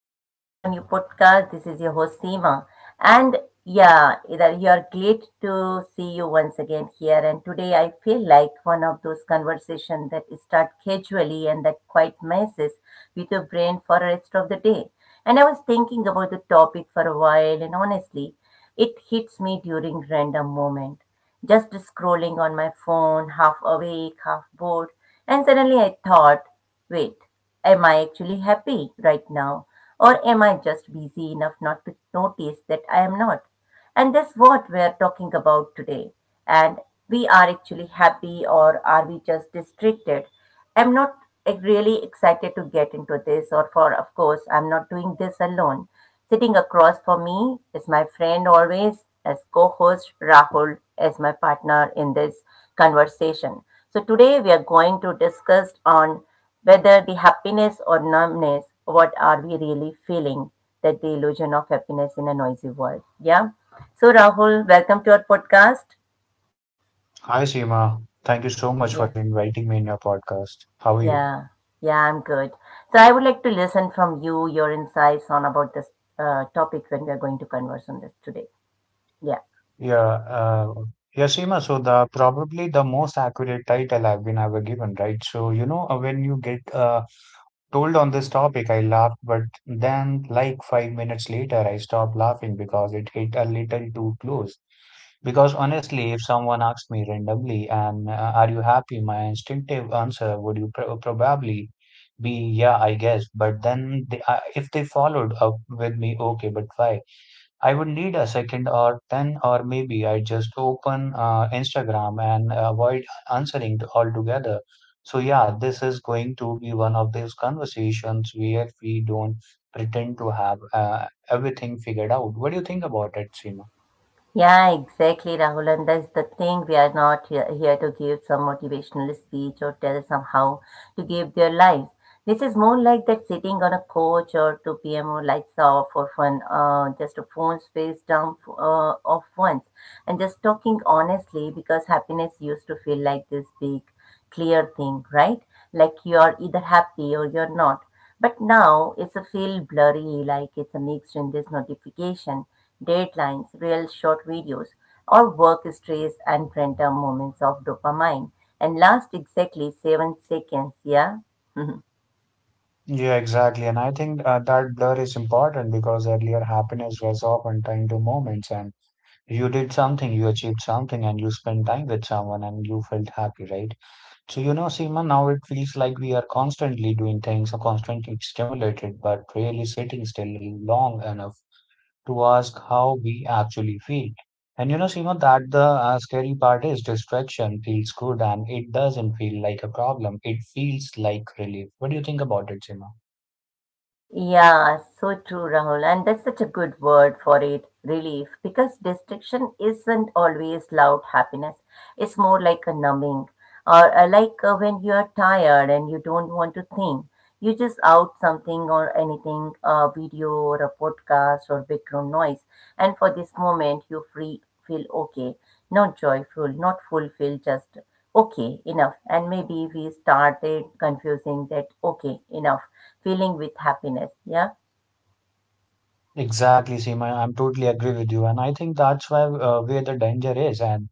welcome back to a new podcast. This is your host Seema. And yeah, either you're great to see you once again here. And today I feel like one of those conversations that start casually and that quite messes with your brain for the rest of the day. And I was thinking about the topic for a while and honestly, it hits me during random moment just scrolling on my phone, half awake, half bored. And suddenly I thought, wait, am I actually happy right now? Or am I just busy enough not to notice that I am not? And that's what we are talking about today. And we are actually happy, or are we just distracted? I'm not like, really excited to get into this, or for, of course, I'm not doing this alone. Sitting across for me is my friend always, as co host Rahul, as my partner in this conversation. So, today we are going to discuss on whether the happiness or numbness, what are we really feeling, that the illusion of happiness in a noisy world. Yeah. So, Rahul, welcome to our podcast. Hi, Seema. Thank you so Yeah. much for inviting me in your podcast. How are you? Yeah, yeah, I'm good. So I would like to listen from you your insights on about this topic when we are going to converse on this today. Yeah, Yeah, uh, yeah, Seema. So the probably the most accurate title I've been ever given, right? So you know when you get told on this topic, I laughed, but then, like 5 minutes later, I stopped laughing because it hit a little too close. Because honestly, if someone asked me randomly, and are you happy, my instinctive answer would you probably be, yeah, I guess. But then, if they followed up with me, okay, but why? I would need a second or 10, or maybe I just open Instagram and avoid altogether. So, yeah, this is going to be one of those conversations where we don't pretend to have everything figured out. What do you think about it, Seema? yeah, exactly, Rahul. And that's the thing. We are not here to give some motivational speech or tell somehow to give their lives. This is more like that sitting on a couch or 2 p.m. or lights off for fun, just a phone face down off once, and just talking honestly because happiness used to feel like this big clear thing, right? Like you're either happy or you're not. But now it's a feel blurry, like it's a mix in this notification, deadlines, real short videos, or work stress and random moments of dopamine. And last exactly 7 seconds, yeah? Yeah, exactly. And I think that blur is important because earlier happiness was often tied to moments and you did something, you achieved something, and you spent time with someone and you felt happy, right? So, you know, Seema, now it feels like we are constantly doing things or constantly stimulated, but really sitting still long enough to ask how we actually feel. And you know, Seema, that the scary part is distraction feels good and it doesn't feel like a problem. It feels like relief. What do you think about it, Seema? Yeah, so true, Rahul. And that's such a good word for it, relief, because distraction isn't always loud happiness. It's more like a numbing, or like when you're tired and you don't want to think. You just out something or anything, a video or a podcast or background noise, and for this moment you free feel okay, not joyful, not fulfilled, just okay enough. And maybe we started confusing that okay enough filling with happiness. Yeah. Exactly, Seema. I'm totally agree with you, and I think that's why where the danger is, and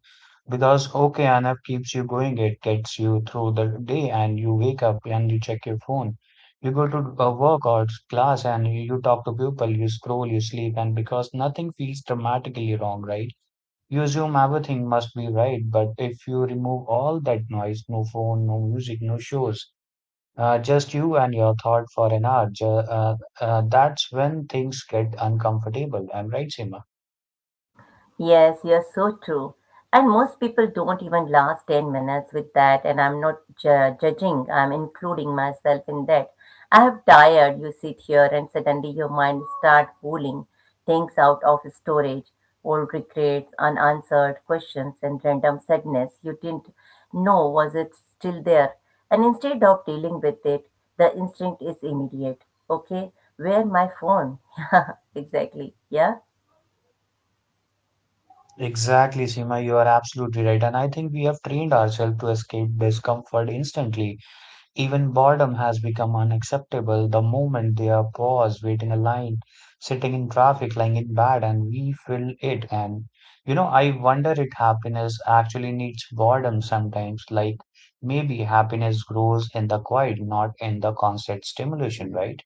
because okay, enough keeps you going, it gets you through the day, and you wake up and you check your phone, you go to work or class, and you talk to people, you scroll, you sleep, and because nothing feels dramatically wrong, right? You assume everything must be right, but if you remove all that noise, no phone, no music, no shows. Just you and your thought for an hour. That's when things get uncomfortable. I'm right, Seema. Yes, you're so true. And most people don't even last 10 minutes with that. And I'm not judging, I'm including myself in that. I have tired. You sit here and suddenly your mind start pulling things out of storage, old regrets, unanswered questions, and random sadness you didn't know was it still there. And instead of dealing with it, the instinct is immediate. Okay, where my phone? Yeah, exactly. Yeah. Exactly, Seema. You are absolutely right. And I think we have trained ourselves to escape discomfort instantly. Even boredom has become unacceptable the moment they are paused, waiting a line, sitting in traffic, lying in bed, and we feel it. And you know, I wonder if happiness actually needs boredom sometimes. Like maybe happiness grows in the quiet, not in the constant stimulation, right?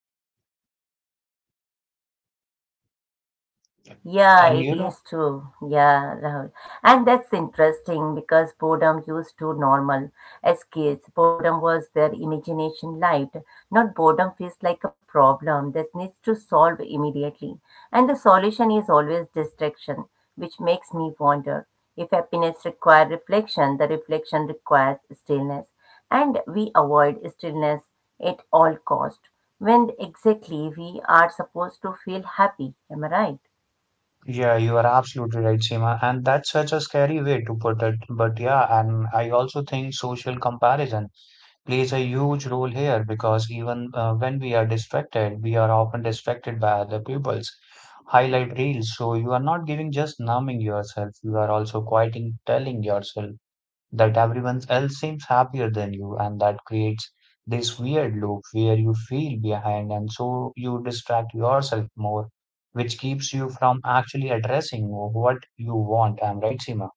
Yeah, And it you know, is true. Yeah, Rahul. And that's interesting because boredom used to normal as kids. Boredom was their imagination lived. Not boredom feels like a problem that needs to solve immediately. And the solution is always distraction, which makes me wonder if happiness requires reflection, the reflection requires stillness. And we avoid stillness at all cost when exactly we are supposed to feel happy. Am I right? yeah, you are absolutely right, Seema. And that's such a scary way to put it. But yeah, and I also think social comparison plays a huge role here because even when we are distracted, we are often distracted by other people's highlight reels. So you are not giving just numbing yourself, you are also quieting, telling yourself that everyone else seems happier than you, and that creates this weird loop where you feel behind, and so you distract yourself more, which keeps you from actually addressing what you want. I'm right, Seema.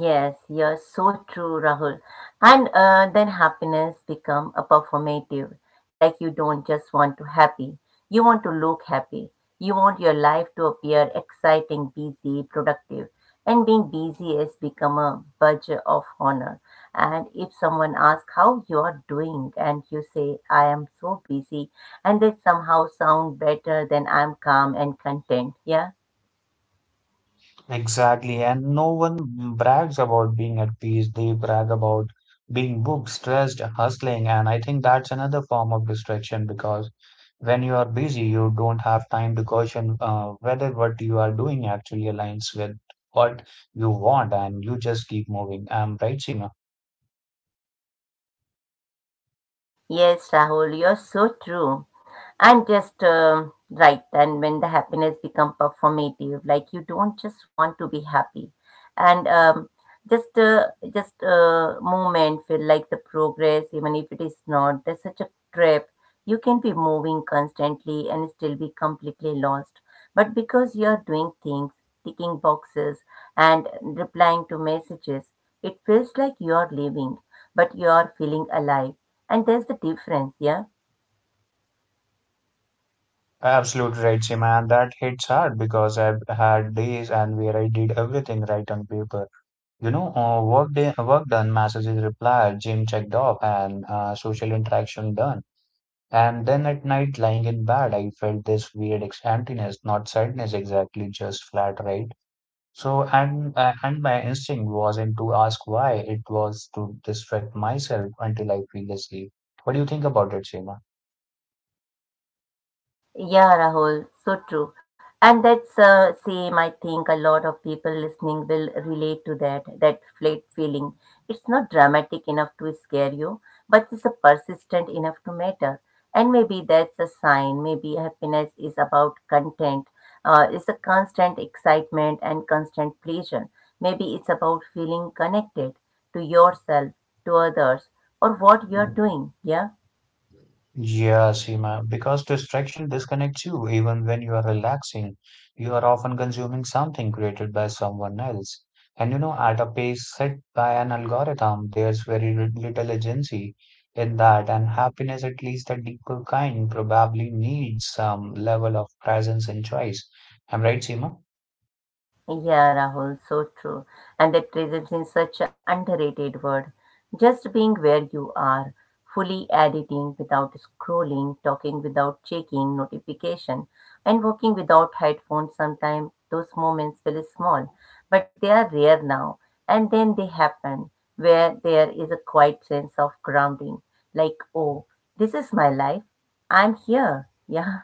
Yes, you're so true, Rahul. And then happiness become a performative. Like you don't just want to happy, you want to look happy. You want your life to appear exciting, busy, productive. And being busy has become a badge of honor. And if someone asks how you are doing, and you say, I am so busy, and they somehow sound better than I'm calm and content. Yeah. Exactly, and no one brags about being at peace. They brag about being booked, stressed, hustling, and I think that's another form of distraction because when you are busy, you don't have time to question whether what you are doing actually aligns with what you want, and you just keep moving. I right, Seema? Yes, Rahul, you're so true. And just right. And when the happiness become performative, like you don't just want to be happy, and just uh, just movement feel like the progress, even if it is not. There's such a trip. You can be moving constantly and still be completely lost. But because you are doing things, ticking boxes, and replying to messages, it feels like you are living, but you are feeling alive and there's the difference, yeah? Absolutely right, Seema, and that hits hard because I've had days and where I did everything right on paper. You know, work day, work done, messages replied, gym checked off, and social interaction done. And then at night, lying in bed, I felt this weird emptiness, not sadness exactly, just flat, right? So, and my instinct wasn't to ask why, it was to distract myself until I feel asleep. What do you think about it, Seema? Yeah, Rahul, so true. And that's same, I think a lot of people listening will relate to that flat feeling. It's not dramatic enough to scare you, but it's a persistent enough to matter. And maybe that's a sign. Maybe happiness is about content. It's a constant excitement and constant pleasure. Maybe it's about feeling connected to yourself, to others, or what you're doing, yeah? Yeah, Seema, because distraction disconnects you even when you are relaxing. You are often consuming something created by someone else. And you know, at a pace set by an algorithm, there's very little agency in that, and happiness, at least the deeper kind, probably needs some level of presence and choice. Am I right, Seema? Yeah, Rahul, so true. And that presence is such an underrated word. Just being where you are, fully editing without scrolling, talking without checking notification, and working without headphones. Sometimes those moments feel small, but they are rare now. And then they happen where there is a quiet sense of grounding, like, oh, this is my life. I'm here. Yeah.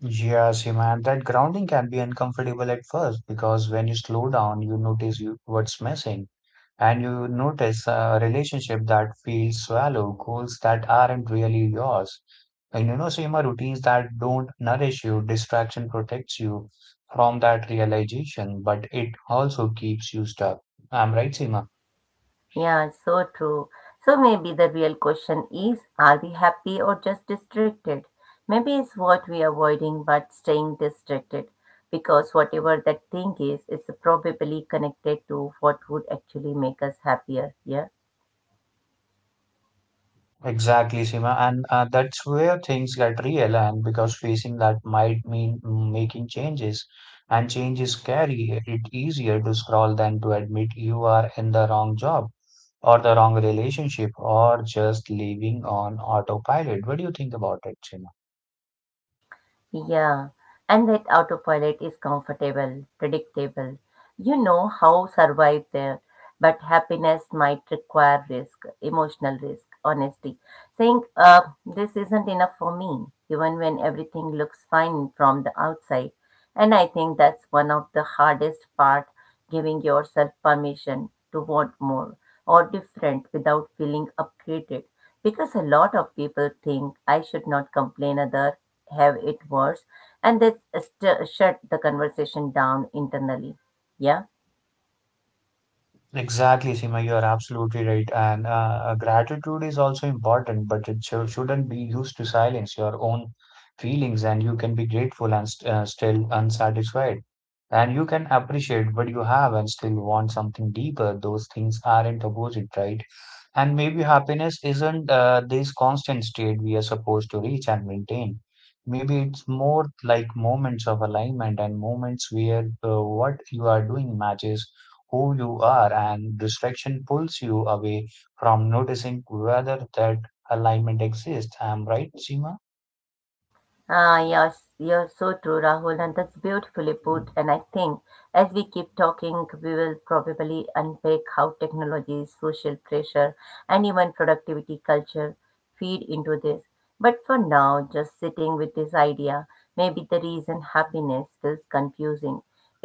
Yeah, Seema, and that grounding can be uncomfortable at first because when you slow down, you notice what's missing. And you notice a relationship that feels shallow, goals that aren't really yours. And you know, Seema, routines that don't nourish you, distraction protects you from that realization, but it also keeps you stuck. I'm right, Seema? Yeah, so true. So maybe the real question is, are we happy or just distracted? Maybe it's what we are avoiding but staying distracted because whatever that thing is, it's probably connected to what would actually make us happier. Yeah. Exactly, Sima, and that's where things get real. And because facing that might mean making changes, and changes carry it easier to scroll than to admit you are in the wrong job or the wrong relationship or just living on autopilot. What do you think about it, Sima? Yeah, and that autopilot is comfortable, predictable. You know how survive there, but happiness might require risk, emotional risk, honesty. Saying, this isn't enough for me, even when everything looks fine from the outside. And I think that's one of the hardest part, giving yourself permission to want more or different without feeling upgraded. Because a lot of people think I should not complain other have it worse and they shut the conversation down internally, yeah. Exactly, Sima, you are absolutely right. And Gratitude is also important, but it shouldn't be used to silence your own feelings. And you can be grateful and st still unsatisfied. And you can appreciate what you have and still want something deeper. Those things aren't opposite, right? And maybe happiness isn't this constant state we are supposed to reach and maintain. Maybe it's more like moments of alignment and moments where what you are doing matches who you are, and distraction pulls you away from noticing whether that alignment exists. I'm right, Seema? Yes, you're so true, Rahul. And that's beautifully put, and I think as we keep talking, we will probably unpack how technology, social pressure, and even productivity culture feed into this. But for now, just sitting with this idea, maybe the reason happiness feels confusing,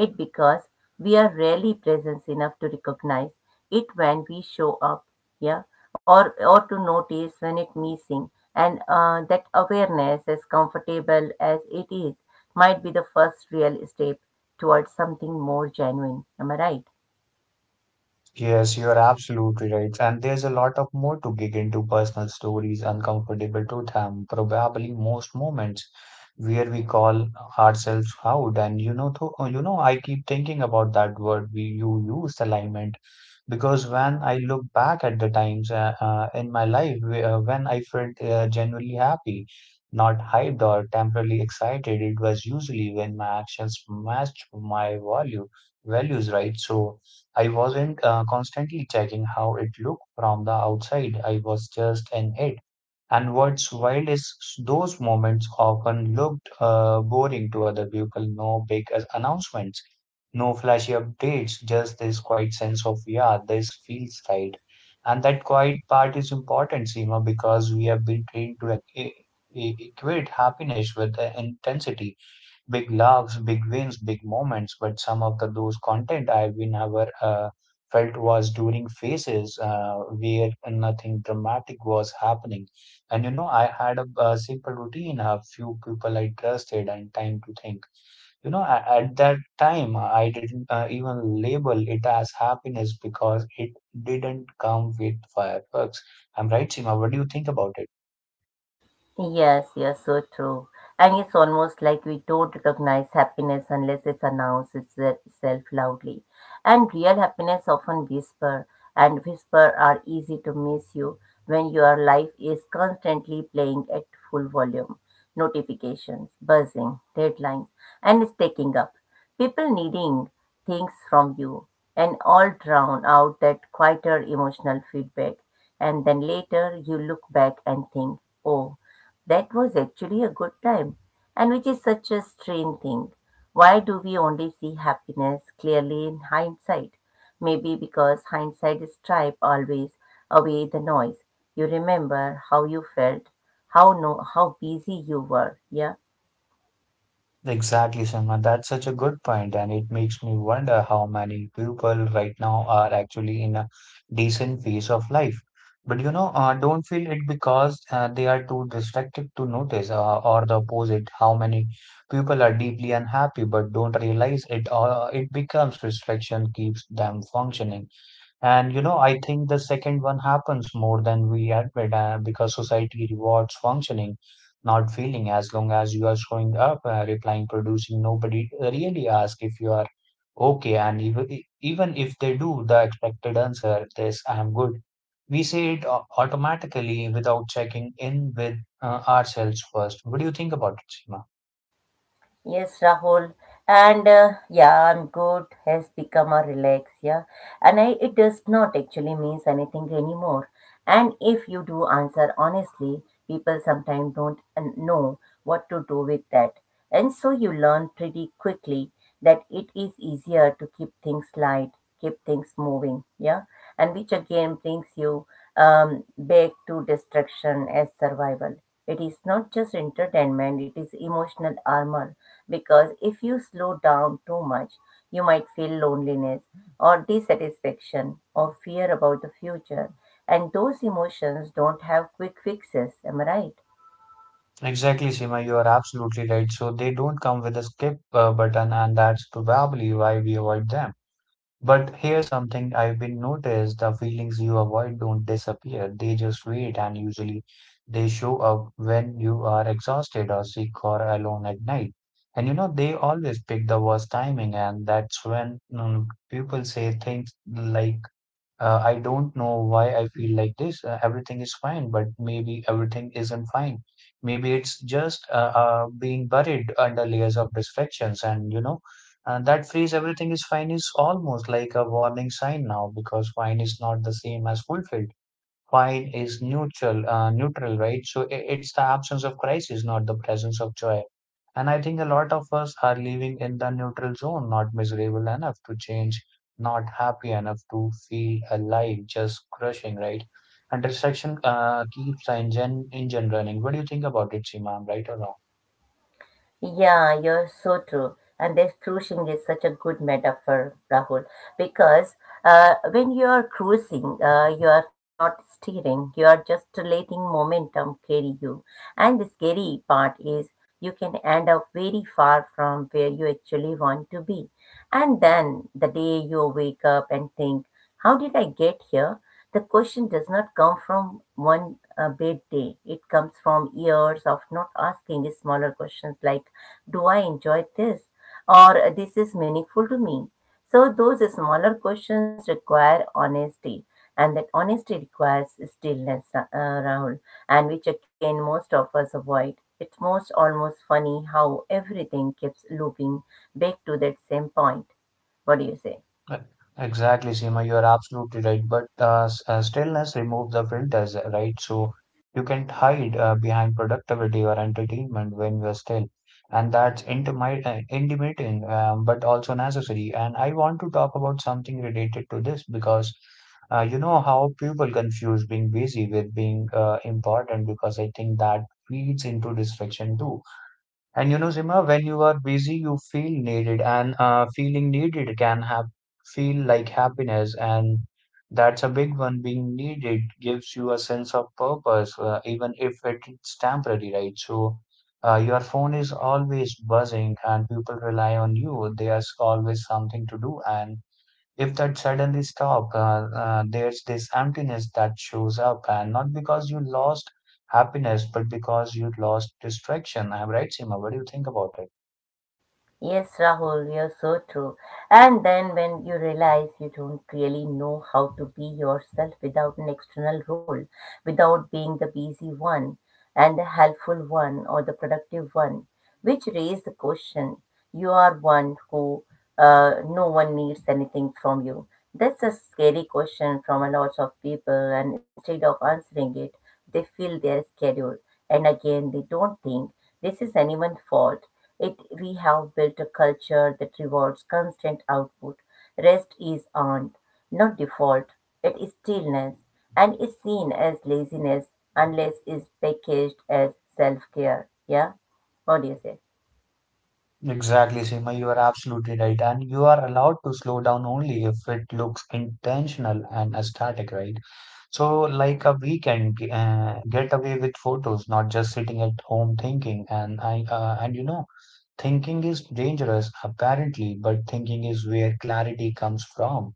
it because we are rarely present enough to recognize it when we show up, yeah, or to notice when it's missing. And that awareness, as comfortable as it is, might be the first real step towards something more genuine. Am I right? Yes, you're absolutely right. And there's a lot of more to dig into personal stories, uncomfortable truth, and probably most moments where we call ourselves out. And you know, I keep thinking about that word we you used, alignment, because when I look back at the times in my life when I felt genuinely happy, not hyped or temporarily excited, it was usually when my actions matched my value values, right? So I wasn't constantly checking how it looked from the outside. I was just in it. And what's wild is those moments often looked boring to other people. No big announcements, no flashy updates, just this quiet sense of, yeah, this feels right. And that quiet part is important, Seema, because we have been trained to equate happiness with the intensity big loves, big wins, big moments, but some of the those content I've been ever felt was during phases where nothing dramatic was happening. And you know, I had a simple routine, a few people I trusted, and time to think. You know, at that time, I didn't even label it as happiness because it didn't come with fireworks. I'm right, Sima. What do you think about it? Yes, yes, so true. And it's almost like we don't recognize happiness unless it announces itself loudly. And real happiness often whisper, and whisper are easy to miss you when your life is constantly playing at full volume. Notifications, buzzing, deadlines, and stacking up. People needing things from you, and all drown out that quieter emotional feedback. And then later you look back and think, oh, that was actually a good time, and which is such a strange thing. Why do we only see happiness clearly in hindsight? Maybe because hindsight is stripe always away the noise. You remember how you felt, how no, how busy you were. Yeah. Exactly, Simran. That's such a good point, and it makes me wonder how many people right now are actually in a decent phase of life. But you know, don't feel it because they are too distracted to notice, or the opposite. How many people are deeply unhappy but don't realize it, or it becomes distraction keeps them functioning. And you know, I think the second one happens more than we admit because society rewards functioning, not feeling. As long as you are showing up, replying, producing, nobody really asks if you are okay. Even if they do, the expected answer is, I am good. We say it automatically without checking in with ourselves first. What do you think about it, Seema? Yes, Rahul. And yeah, I'm good has become a relax, yeah. And it does not actually means anything anymore. And if you do answer honestly, people sometimes don't know what to do with that. And so you learn pretty quickly that it is easier to keep things light, keep things moving, yeah. And which again brings you back to destruction as survival. It is not just entertainment, it is emotional armor because if you slow down too much, you might feel loneliness or dissatisfaction or fear about the future. And those emotions don't have quick fixes, am I right? Exactly, Seema, you are absolutely right. So they don't come with a skip button, and that's probably why we avoid them. But here's something I've been noticed, the feelings you avoid don't disappear. They just wait and usually they show up when you are exhausted or sick or alone at night. And you know, they always pick the worst timing and that's when people say things like I don't know why I feel like this. Everything is fine, but maybe everything isn't fine. Maybe it's just being buried under layers of distractions, and you know, that phrase "everything is fine" is almost like a warning sign now because fine is not the same as fulfilled. Fine is neutral, neutral, right? So it's the absence of crisis, not the presence of joy. And I think a lot of us are living in the neutral zone, not miserable enough to change, not happy enough to feel alive, just crushing, right? And distraction keeps the engine running. What do you think about it, Seema? I'm right or wrong? Yeah, you're so true. And this cruising is such a good metaphor, Rahul, because when you are cruising, you are not steering, you are just letting momentum carry you. And the scary part is you can end up very far from where you actually want to be. And then the day you wake up and think, how did I get here? The question does not come from one bad day. It comes from years of not asking smaller questions like, do I enjoy this? Or this is meaningful to me? So, those smaller questions require honesty, and that honesty requires stillness, Rahul, and which again most of us avoid. It's most almost funny how everything keeps looping back to that same point. What do you say? Uh, Exactly, Seema, you are absolutely right. But stillness removes the filters, right? So you can't hide behind productivity or entertainment when you're still. And that's intimidating, but also necessary. And I want to talk about something related to this because you know how people confuse being busy with being important, because I think that feeds into distraction too. And you know, Zima, when you are busy, you feel needed, and feeling needed can have feel like happiness, and that's a big one. Being needed gives you a sense of purpose, even if it's temporary, right? So, your phone is always buzzing, and people rely on you. There's always something to do, and if that suddenly stop there's this emptiness that shows up, and not because you lost happiness but because you lost distraction. I'm right, Seema, what do you think about it? Yes, Rahul, you're so true. And then when you realize you don't really know how to be yourself without an external role, without being the busy one and the helpful one or the productive one, which raise the question, you are one who no one needs anything from you. That's a scary question from a lot of people, and instead of answering it, they fill their schedule. And again, they don't think this is anyone's fault. It we have built a culture that rewards constant output. Rest is earned, not default. It is stillness, and is seen as laziness unless it's packaged as self-care. Yeah, what do you say? Exactly, Seema, you are absolutely right. And you are allowed to slow down only if it looks intentional and aesthetic, right? So, like a weekend getaway with photos, not just sitting at home thinking. And and you know, thinking is dangerous apparently, but thinking is where clarity comes from.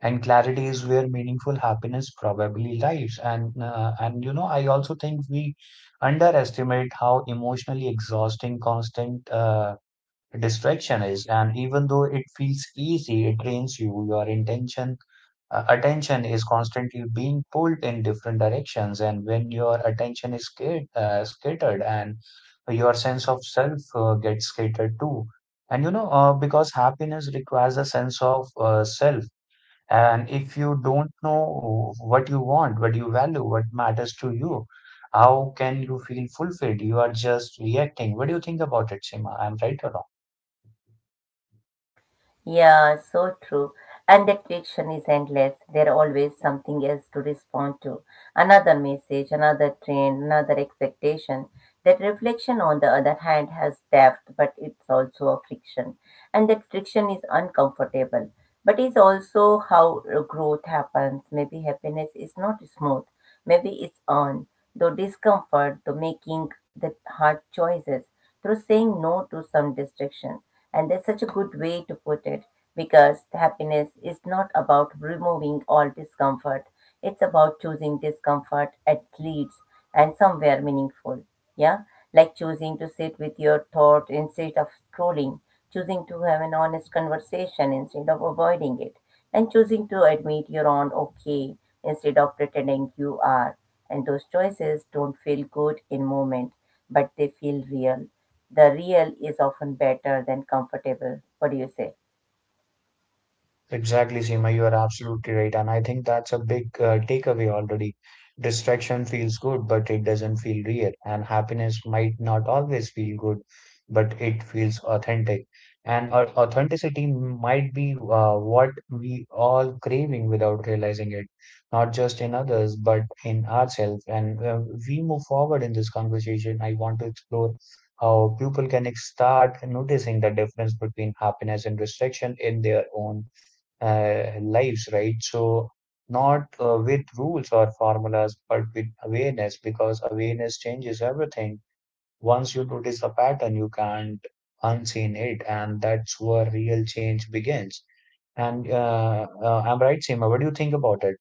And clarity is where meaningful happiness probably lies. And and you know, I also think we underestimate how emotionally exhausting constant distraction is. And even though it feels easy, it drains you. Your intention, attention, is constantly being pulled in different directions, and when your attention is scattered, and your sense of self gets scattered too. And you know, because happiness requires a sense of self. And if you don't know what you want, what you value, what matters to you, how can you feel fulfilled? You are just reacting. What do you think about it, Seema? I'm right or wrong? Yeah, so true. And that friction is endless. There are always something else to respond to. Another message, another trend, another expectation. That reflection, on the other hand, has depth, but it's also a friction. And that friction is uncomfortable. But it's also how growth happens. Maybe happiness is not smooth. Maybe it's earned, though discomfort, though making the hard choices, through saying no to some distraction. And that's such a good way to put it because happiness is not about removing all discomfort. It's about choosing discomfort at least and somewhere meaningful. Yeah, like choosing to sit with your thought instead of scrolling, choosing to have an honest conversation instead of avoiding it, and choosing to admit you're on okay instead of pretending you are. And those choices don't feel good in moment, but they feel real. The real is often better than comfortable. What do you say? Exactly, Seema, you are absolutely right. And I think that's a big takeaway already. Distraction feels good, but it doesn't feel real. And happiness might not always feel good, but it feels authentic. And authenticity might be what we all craving without realizing it, not just in others, but in ourselves. And we move forward in this conversation. I want to explore how people can start noticing the difference between happiness and restriction in their own lives, right? So, not with rules or formulas, but with awareness, because awareness changes everything. Once you notice a pattern, you can't unseen it, and that's where real change begins. And I'm right, Seema. What do you think about it?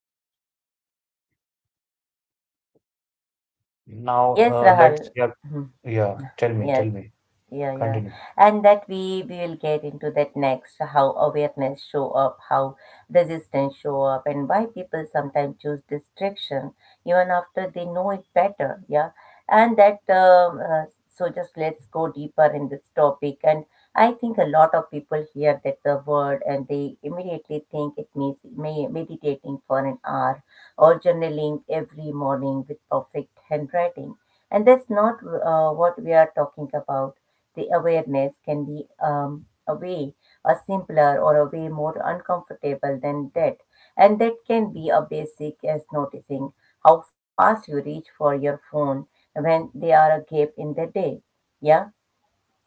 Now, Yes, let's, Rahul. yeah, yeah, tell Yes. me, Yeah, yeah. continue. And that we will get into that next, how awareness show up, how resistance show up, and why people sometimes choose distraction even after they know it better. Yeah. And that so just let's go deeper in this topic. And I think a lot of people hear that the word and they immediately think it means meditating for an hour or journaling every morning with perfect handwriting. And that's not what we are talking about the awareness can be a way a simpler or a way more uncomfortable than that. And that can be a basic as noticing how fast you reach for your phone when there are a gap in the day. Yeah.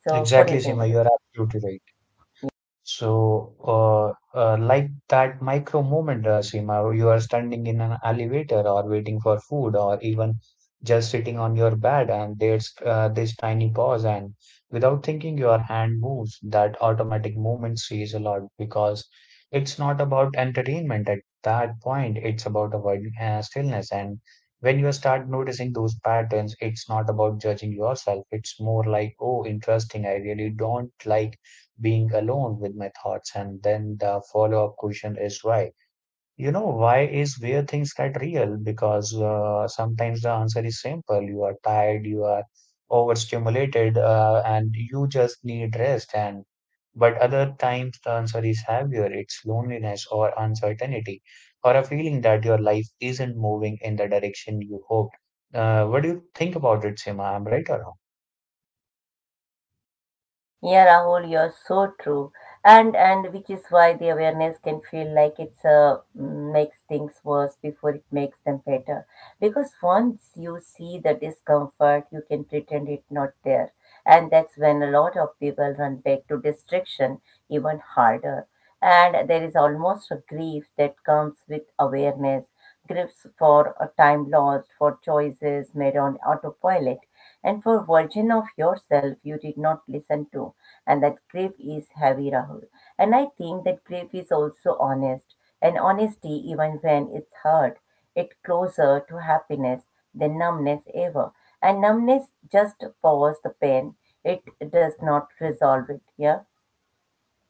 So what do you Exactly, think Seema, about it? you're absolutely right. So, like that micro moment, Seema, you are standing in an elevator or waiting for food or even just sitting on your bed, and there's this tiny pause, and without thinking, your hand moves. That automatic movement says a lot because it's not about entertainment at that point, it's about avoiding stillness. And when you start noticing those patterns, it's not about judging yourself, it's more like, oh, interesting, I really don't like being alone with my thoughts. And then the follow-up question is why? You know, why is where things get real? Because sometimes the answer is simple. You are tired, you are overstimulated, and you just need rest. And but other times the answer is heavier. It's loneliness or uncertainty, or a feeling that your life isn't moving in the direction you hoped. What do you think about it, Sima? I'm right or wrong? Yeah, Rahul, you're so true, and which is why the awareness can feel like it's mm, makes things worse before it makes them better. Because once you see the discomfort, you can pretend it not there, and that's when a lot of people run back to distraction even harder. And there is almost a grief that comes with awareness, griefs for a time lost, for choices made on autopilot and for version of yourself you did not listen to. And that grief is heavy, Rahul. And I think that grief is also honest. And honesty, even when it's hard, it's closer to happiness than numbness ever. And numbness just powers the pain. It does not resolve it. Yeah?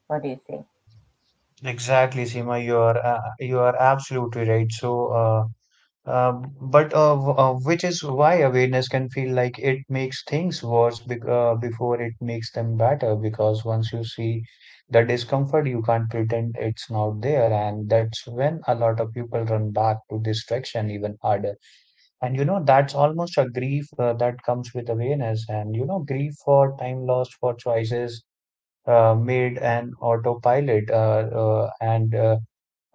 What do you say? Exactly, Seema, you are absolutely right. So, which is why awareness can feel like it makes things worse bec before it makes them better. Because once you see the discomfort, you can't pretend it's not there. And that's when a lot of people run back to distraction even harder. And you know, that's almost a grief that comes with awareness. And you know, grief for time lost, for choices made an autopilot, and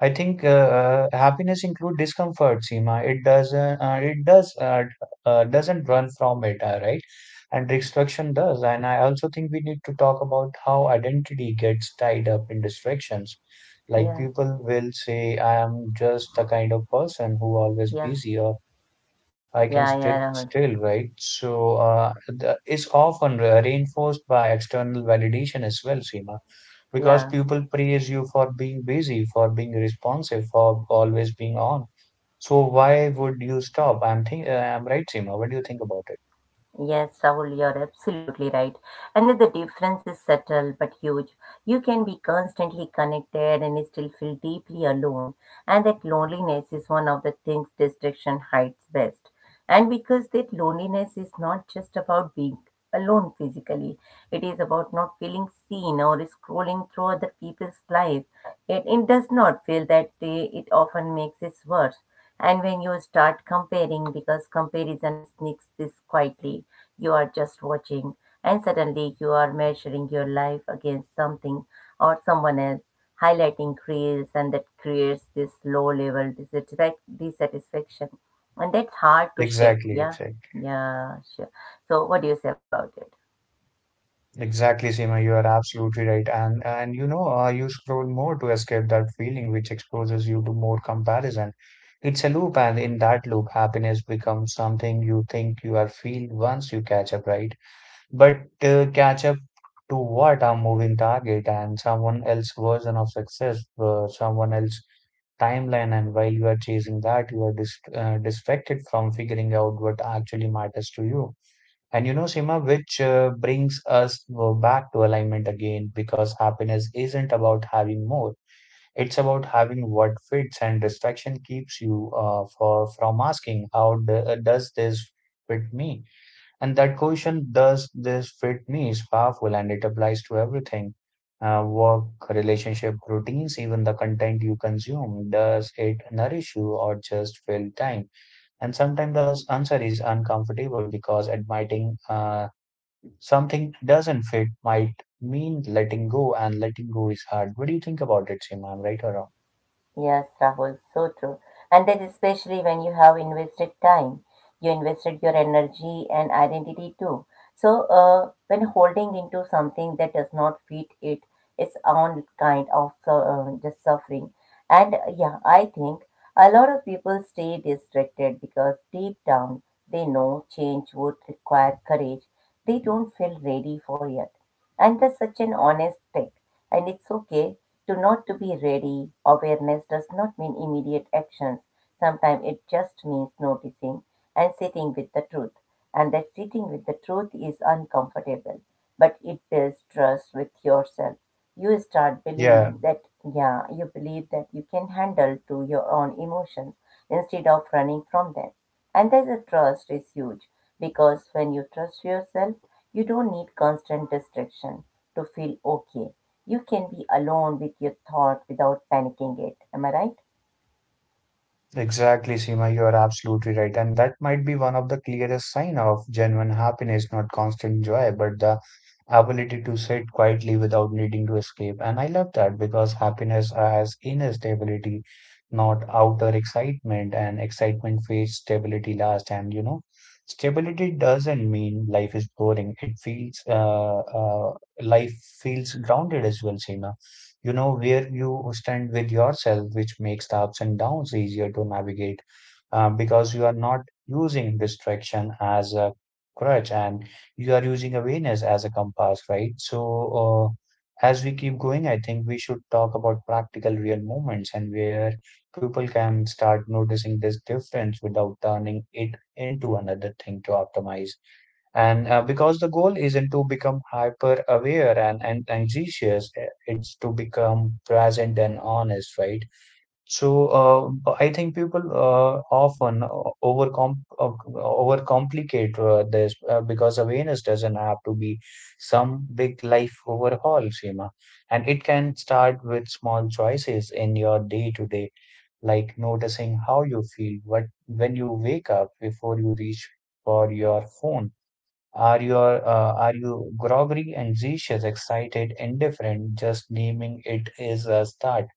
I think happiness include discomfort, Seema. It doesn't. It does. Doesn't run from it, right? And distraction does. And I also think we need to talk about how identity gets tied up in distractions. Like Yeah, people will say, "I am just the kind of person who always yeah, busy," or "I can yeah, yeah, sit Rahul. still," right? So the, it's often reinforced by external validation as well, Seema, because Yeah. people praise you for being busy, for being responsive, for always being on. So why would you stop? I'm right, Seema. What do you think about it? Yes, Rahul, you're absolutely right. And that the difference is subtle but huge. You can be constantly connected and still feel deeply alone. And that loneliness is one of the things distraction hides best. And because that loneliness is not just about being alone physically, it is about not feeling seen or scrolling through other people's life. It does not feel that way. It often makes it worse. And when you start comparing, because comparison sneaks this quietly, you are just watching, and suddenly you are measuring your life against something or someone else, highlighting creels, and that creates this low level dissatisfaction. And that's hard to shake. Exactly, Yeah, exactly, yeah, sure. So, what do you say about it? exactly, Seema. You are absolutely right. And you know, you scroll more to escape that feeling, which exposes you to more comparison. It's a loop, and in that loop, happiness becomes something you think you are feel once you catch up, right? But catch up to what? A moving target and someone else's version of success, someone else's timeline. And while you are chasing that, you are distracted from figuring out what actually matters to you. And you know, Sima, which brings us back to alignment again, because happiness isn't about having more. It's about having what fits, and distraction keeps you for from asking, how d does this fit me? And that question, does this fit me, is powerful, and it applies to everything. Work, relationship, routines, even the content you consume. Does it nourish you or just fill time? And sometimes the answer is uncomfortable because admitting something doesn't fit might mean letting go, and letting go is hard. What do you think about it, Sima? I'm right or wrong? Yes, Rahul, so true. And then, especially when you have invested time, you invested your energy and identity too. So, when holding into something that does not fit it, its own kind of just suffering. And yeah, I think a lot of people stay distracted because deep down they know change would require courage. They don't feel ready for it. And that's such an honest thing. And it's okay to not to be ready, awareness does not mean immediate actions. Sometimes it just means noticing and sitting with the truth. And that sitting with the truth is uncomfortable, but it builds trust with yourself. You start Yeah, believing that, yeah, you believe that you can handle to your own emotions instead of running from them. And that the trust is huge because when you trust yourself, you don't need constant distraction to feel okay. You can be alone with your thought without panicking it. Am I right? exactly, Seema, you are absolutely right. And that might be one of the clearest sign of genuine happiness, not constant joy, but the ability to sit quietly without needing to escape. And I love that because happiness has inner stability, not outer excitement, and excitement fades, stability last. And you know, stability doesn't mean life is boring. It feels life feels grounded as well, Seema. You know where you stand with yourself, which makes the ups and downs easier to navigate, because you are not using distraction as a crutch, and you are using awareness as a compass, right? So uh, as we keep going, I think we should talk about practical real moments and where people can start noticing this difference without turning it into another thing to optimize. And because the goal isn't to become hyper aware and anxious, eh, it's to become present and honest, right? So I think people often overcomplicate this because awareness doesn't have to be some big life overhaul, Seema. And it can start with small choices in your day to day, like noticing how you feel, what when you wake up before you reach for your phone. Are your are you groggy, anxious, excited, indifferent? Just naming it is a start.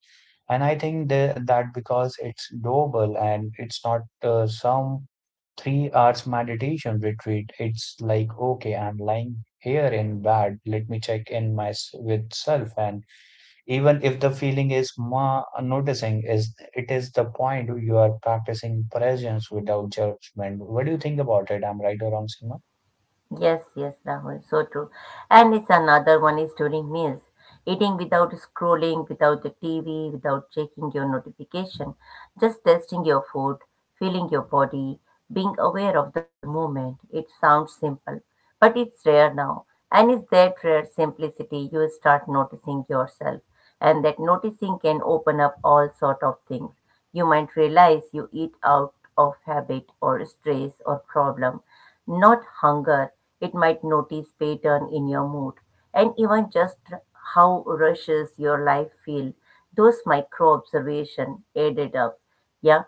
And I think the, that because it's doable, and it's not some 3 hours meditation retreat. It's like okay, I'm lying here in bed. Let me check in my with self. And even if the feeling is ma noticing, is it is the point you are practicing presence without judgment. What do you think about it? I'm right or wrong, Seema? Yes, yes, Rahul, so true. And it's another one is during meals. Eating without scrolling, without the TV, without checking your notification, just tasting your food, feeling your body, being aware of the moment. It sounds simple, but it's rare now. And it's that rare simplicity you start noticing yourself, and that noticing can open up all sort of things. You might realize you eat out of habit or stress or problem not hunger. It might notice pattern in your mood and even just how rushes your life feel. Those micro observation added up. Yeah,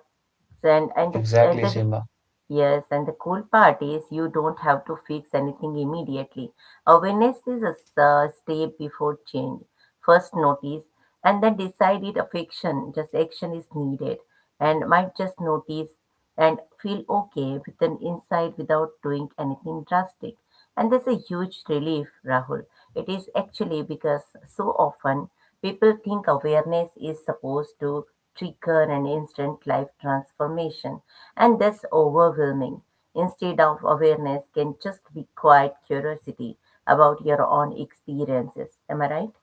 and and the, and Exactly, the, Seema. yes and the cool part is you don't have to fix anything immediately awareness is a step before change first notice and then decide it of action just action is needed and might just notice and feel okay with an insight without doing anything drastic and that's a huge relief, Rahul. It is actually because so often people think awareness is supposed to trigger an instant life transformation, and that's overwhelming. Instead of awareness, can just be quiet curiosity about your own experiences. Am I right?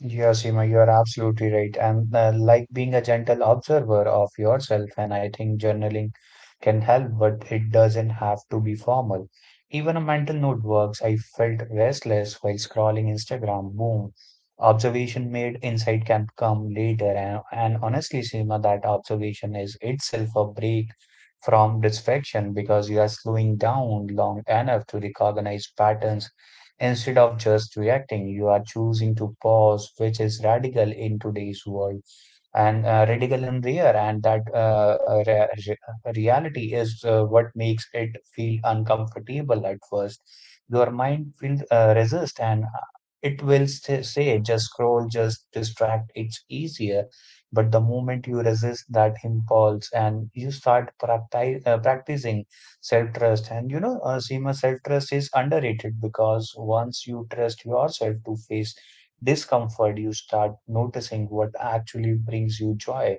Yeah, Seema, you are absolutely right. And like being a gentle observer of yourself, and I think journaling can help, but it doesn't have to be formal. Even a mental note works. I felt restless while scrolling Instagram. Boom. Observation made, insight can come later. And honestly, Seema, that observation is itself a break from distraction because you are slowing down long enough to recognize patterns. Instead of just reacting, you are choosing to pause, which is radical in today's world, and radical and rare, and that reality is what makes it feel uncomfortable at first. Your mind will resist, and it will say, "Just scroll, just distract." It's easier, but the moment you resist that impulse and you start practicing self-trust. And you know, Seema, self-trust is underrated because once you trust yourself to face discomfort, you start noticing what actually brings you joy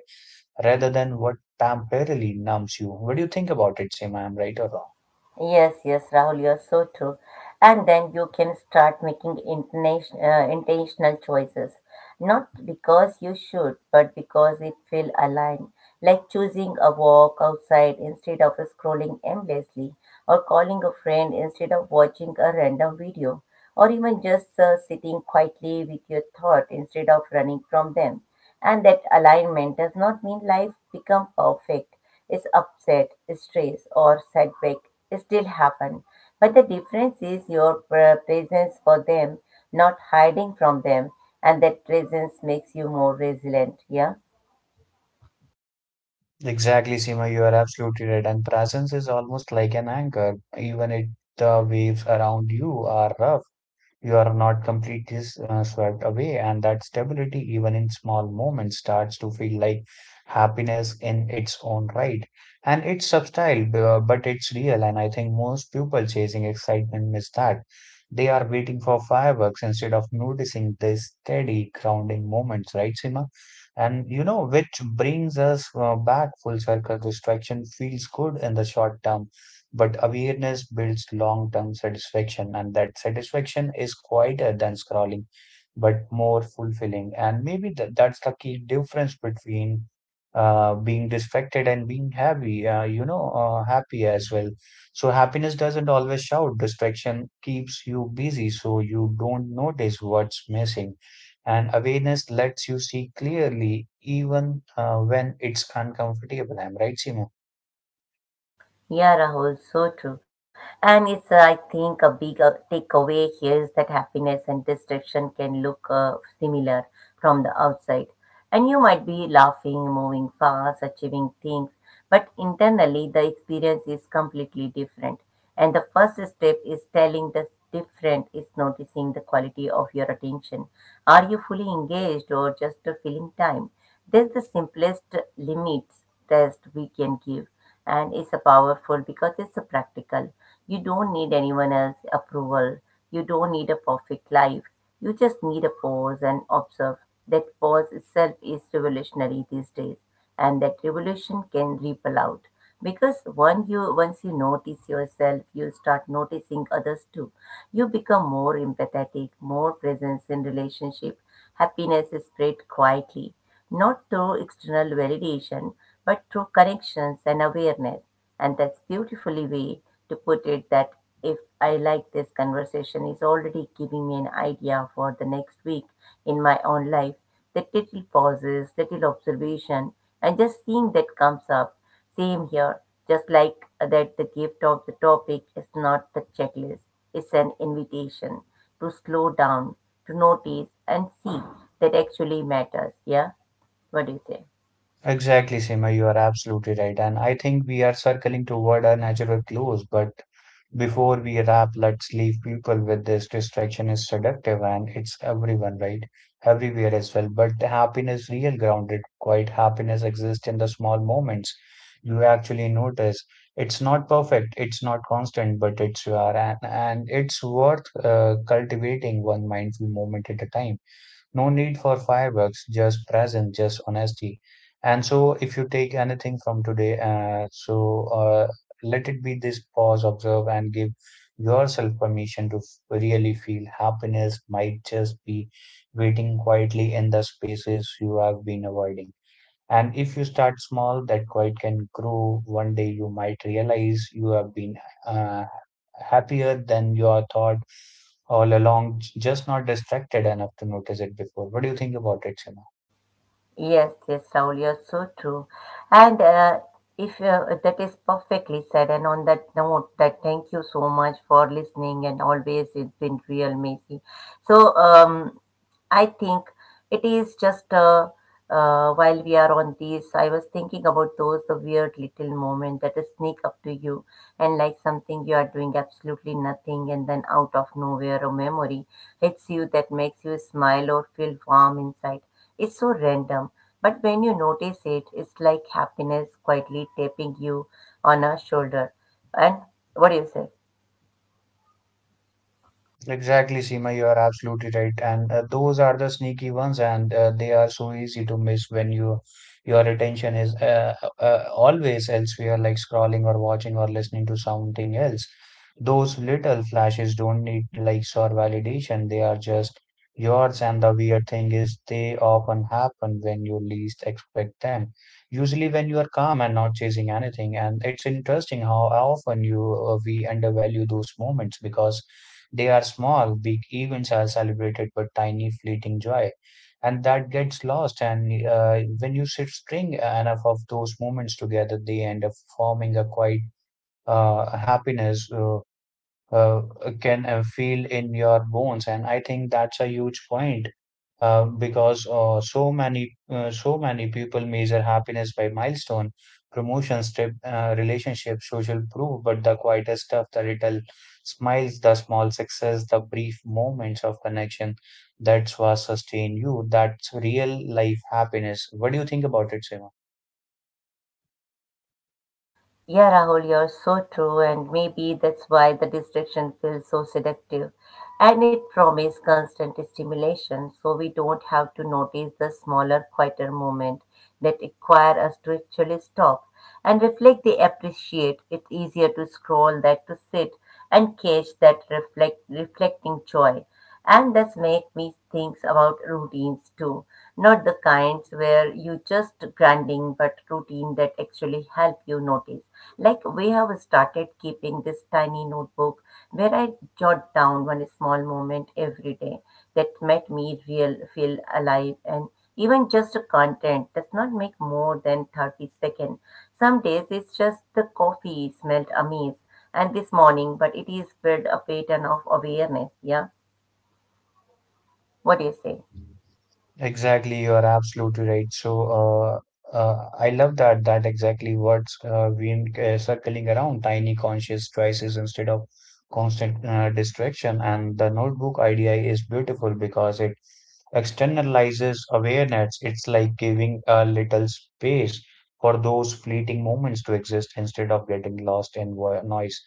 rather than what temporarily numbs you. What do you think about it, Seema? I'm right or wrong? Yes, yes, Rahul, you're so true. And then you can start making intentional choices, not because you should, but because it feel aligned. Like choosing a walk outside instead of scrolling endlessly, or calling a friend instead of watching a random video, or even just sitting quietly with your thought instead of running from them. And that alignment does not mean life become perfect is upset, stress, or setback still happen. But the difference is your presence for them, not hiding from them, and that presence makes you more resilient. Yeah. Exactly, Seema, you are absolutely right. And presence is almost like an anchor, even if the waves around you are rough. You are not completely swept away, and that stability, even in small moments, starts to feel like happiness in its own right. And it's subtle, but it's real. And I think most people chasing excitement miss that. They are waiting for fireworks instead of noticing these steady, grounding moments, right, Sima? And you know, which brings us back full circle. Distraction feels good in the short term, but awareness builds long-term satisfaction, and that satisfaction is quieter than scrolling, but more fulfilling. And maybe th that's the key difference between being distracted and being happy, you know, happy as well. So happiness doesn't always shout. Distraction keeps you busy, so you don't notice what's missing. And awareness lets you see clearly, even when it's uncomfortable. I'm right, Simon? Yeah, Rahul, so true. And it's, I think, a big takeaway here is that happiness and distraction can look similar from the outside. And you might be laughing, moving fast, achieving things, but internally the experience is completely different. And the first step is telling the different is noticing the quality of your attention. Are you fully engaged or just filling time? That's the simplest limits test we can give, and it's a powerful because it's a practical. You don't need anyone else's approval. You don't need a perfect life. You just need a pause and observe. That pause itself is revolutionary these days, and that revolution can ripple out because one you once you notice yourself you start noticing others too you become more empathetic more presence in relationship happiness is spread quietly not through external validation, but through connections and awareness. And that's beautifully way to put it that if I like this conversation is already giving me an idea for the next week in my own life, that little pauses, little observation, and just seeing that comes up. Same here, just like that the gift of the topic is not the checklist, it's an invitation to slow down, to notice and see that actually matters. Yeah. What do you say? Exactly, Seema, you are absolutely right. And I think we are circling toward a natural close, but before we wrap, let's leave people with this: distraction is seductive and it's everyone, right? Everywhere as well. But the happiness, real grounded, quite happiness exists in the small moments you actually notice. It's not perfect, it's not constant, but it's you are, and it's worth cultivating one mindful moment at a time. No need for fireworks, just presence, just honesty. And so, if you take anything from today, let it be this: pause, observe, and give yourself permission to really feel. Happiness might just be waiting quietly in the spaces you have been avoiding. And if you start small, that quiet can grow. One day you might realize you have been uh, happier than you are thought all along, just not distracted enough to notice it before. What do you think about it, Simran? Yes, yes, Saul, you're so true. And if that is perfectly said, and on that note, that thank you so much for listening and always it's been real, Macy. So, I think it is just while we are on this, I was thinking about those the weird little moment that sneak up to you and like something you are doing absolutely nothing and then out of nowhere a memory hits you that makes you smile or feel warm inside. It's so random, but when you notice it, it's like happiness quietly tapping you on a shoulder. And what do you say? Exactly, Seema, you are absolutely right. And those are the sneaky ones, and they are so easy to miss when your attention is always elsewhere, like scrolling or watching or listening to something else. Those little flashes don't need likes or validation. They are just yours, and the weird thing is they often happen when you least expect them. Usually when you are calm and not chasing anything. And it's interesting how often you we undervalue those moments because they are small. Big events are celebrated, but tiny, fleeting joy. and that gets lost. And when you sit string enough of those moments together, they end up forming a quite happiness. Uh, can feel in your bones. And I think that's a huge point because so many people measure happiness by milestone, promotions, trip, relationships, social proof, but the quietest stuff, the little smiles, the small success, the brief moments of connection, that's what sustain you. That's real life happiness. What do you think about it, Seema? Yeah, Rahul, you're so true, and maybe that's why the distraction feels so seductive. And it promises constant stimulation, so we don't have to notice the smaller, quieter moments that require us to actually stop and reflect the appreciate. It's easier to scroll than to sit and catch that reflecting joy. And that's make me think about routines too. Not the kinds where you just grinding, but routine that actually help you notice. Like we have started keeping this tiny notebook where I jot down one small moment every day that made me real feel alive and even just a content does not make more than 30 seconds. Some days it's just the coffee smelled amazing and this morning, but it is spread a pattern of awareness. Yeah. What do you say? Exactly, you are absolutely right. So, I love that exactly what's been circling around tiny conscious choices instead of constant distraction. And the notebook idea is beautiful because it externalizes awareness. It's like giving a little space for those fleeting moments to exist instead of getting lost in noise.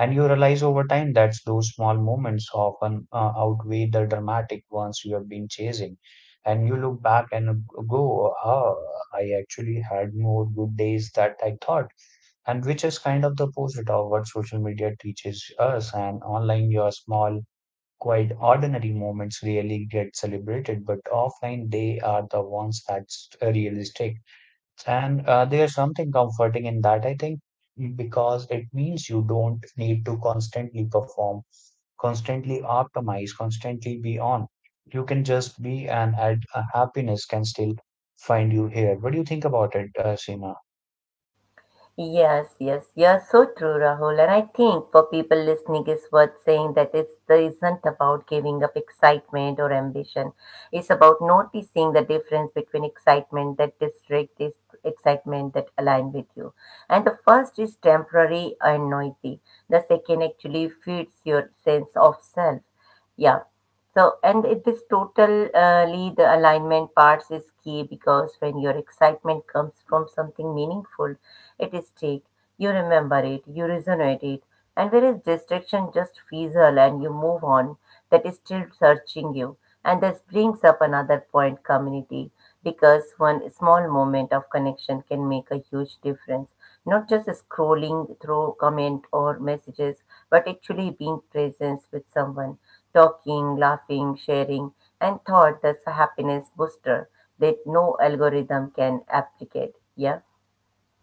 And you realize over time that those small moments often outweigh the dramatic ones you have been chasing, and you look back and go, ah, I actually had more good days that I thought, and which is kind of the opposite of what social media teaches us. And online, your small, quite ordinary moments really get celebrated, but offline, they are the ones that's realistic. And there's something comforting in that, I think, because it means you don't need to constantly perform, constantly optimize, constantly be on. You can just be, and add happiness can still find you here. What do you think about it, Seema? Yes, yes, you're so true, Rahul. And I think for people listening, it's worth saying that it's there isn't about giving up excitement or ambition. It's about noticing the difference between excitement that distract this excitement that align with you. And the first is temporary and noisy. The second actually feeds your sense of self. Yeah. So, and it, this totally the alignment parts is key because when your excitement comes from something meaningful, it is take. You remember it, you resonate it, and whereas distraction just fizzle and you move on, that is still searching you. And this brings up another point community because one small moment of connection can make a huge difference not just scrolling through comment or messages, but actually being present with someone, talking, laughing, sharing, and thought that's a happiness booster that no algorithm can replicate. Yeah.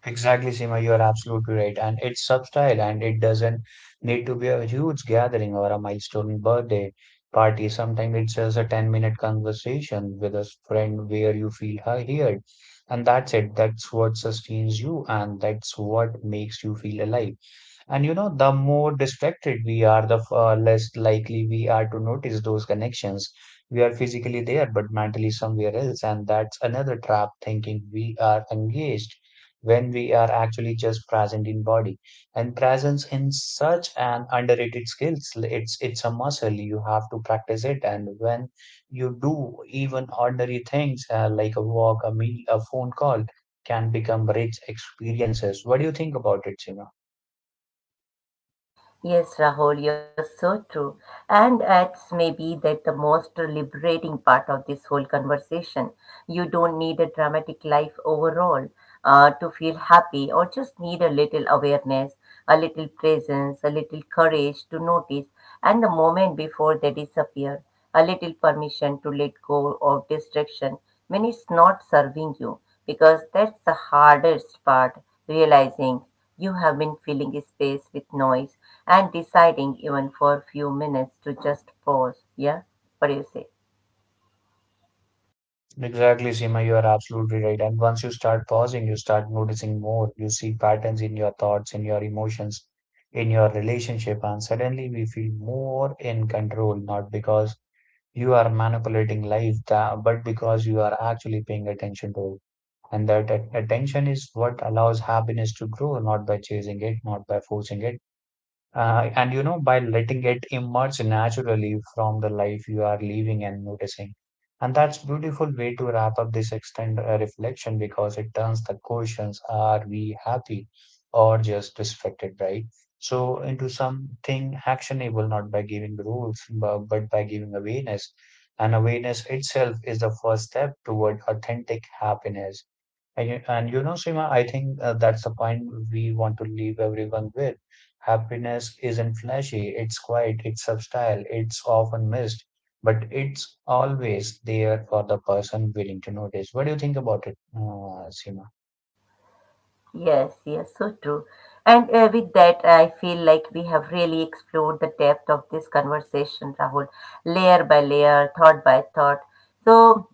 Exactly, Seema, you are absolutely right. And it's subtle, and it doesn't need to be a huge gathering or a milestone birthday party. Sometimes it's just a 10-minute conversation with a friend where you feel heard. And that's it. That's what sustains you, and that's what makes you feel alive. And you know, the more distracted we are, the less likely we are to notice those connections. We are physically there, but mentally somewhere else. And that's another trap: thinking we are engaged when we are actually just present in body. And presence in such an underrated skills, it's a muscle. You have to practice it. And when you do, even ordinary things like a walk, a meal, a phone call, can become rich experiences. What do you think about it, Sima? Yes, Rahul, you're so true. And it's maybe that the most liberating part of this whole conversation. You don't need a dramatic life overall to feel happy, or just need a little awareness, a little presence, a little courage to notice, and the moment before they disappear, a little permission to let go of distraction when it's not serving you, because that's the hardest part, realizing. You have been filling space with noise and deciding, even for a few minutes, to just pause. Yeah? What do you say? Exactly, Seema, you are absolutely right. And once you start pausing, you start noticing more. You see patterns in your thoughts, in your emotions, in your relationship, and suddenly we feel more in control, not because you are manipulating life, but because you are actually paying attention to it. And that attention is what allows happiness to grow, not by chasing it, not by forcing it, and you know, by letting it emerge naturally from the life you are living and noticing. And that's beautiful way to wrap up this extended reflection, because it turns the questions, are we happy or just distracted, right? So into something actionable, not by giving rules, but by giving awareness. And awareness itself is the first step toward authentic happiness. And you know, Seema, I think that's the point we want to leave everyone with. Happiness isn't flashy, it's quiet, it's subtle, it's often missed, but it's always there for the person willing to notice. What do you think about it, Seema? Yes, yes, so true. And with that, I feel like we have really explored the depth of this conversation, Rahul, layer by layer, thought by thought. So,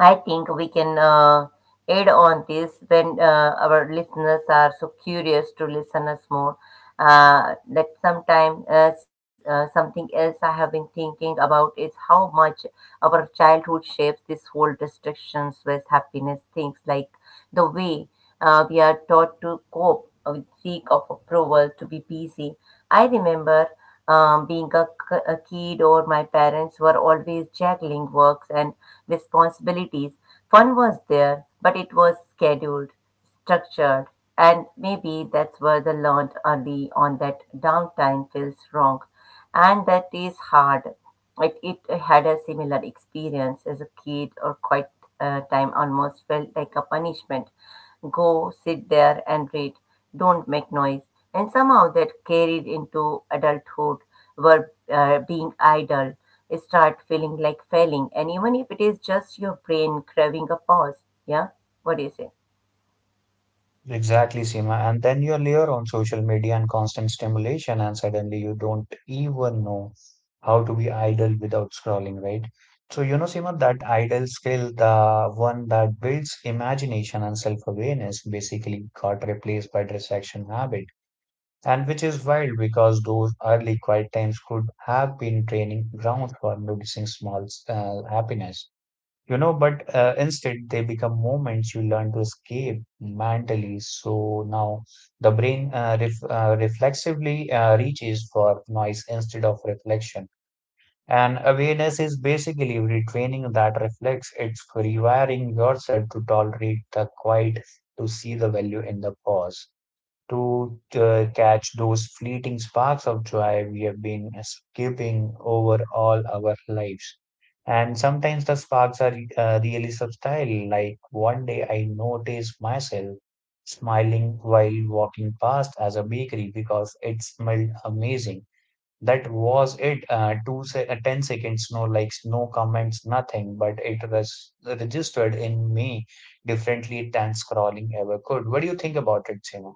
I think we can add on this when our listeners are so curious to listen us more. That sometime something else I have been thinking about is how much our childhood shapes this whole distractions with happiness things like the way we are taught to cope with seek of approval, to be busy. I remember being a, a kid, or my parents were always juggling works and responsibilities. Fun was there, but it was scheduled, structured, and maybe that's where the learned early on that downtime feels wrong, and that is hard like it had a similar experience as a kid, or quiet time almost felt like a punishment. Go sit there and read, don't make noise. And somehow that carried into adulthood, where being idle start feeling like failing. And even if it is just your brain craving a pause, yeah. What do you say? Exactly, Seema. And then you layer on social media and constant stimulation, and suddenly you don't even know how to be idle without scrolling, right? So, you know, Seema, that idle skill, the one that builds imagination and self-awareness, basically got replaced by distraction habit. And which is wild because those early quiet times could have been training grounds for noticing small happiness, you know, but instead they become moments you learn to escape mentally. So now the brain reflexively reaches for noise instead of reflection, and awareness is basically retraining that reflex. It's rewiring yourself to tolerate the quiet, to see the value in the pause, to catch those fleeting sparks of joy we have been skipping over all our lives. And sometimes the sparks are really subtle. Like one day I noticed myself smiling while walking past as a bakery because it smelled amazing. That was it. 10 seconds, no likes, no comments, nothing. But it was registered in me differently than scrolling ever could. What do you think about it, Seema?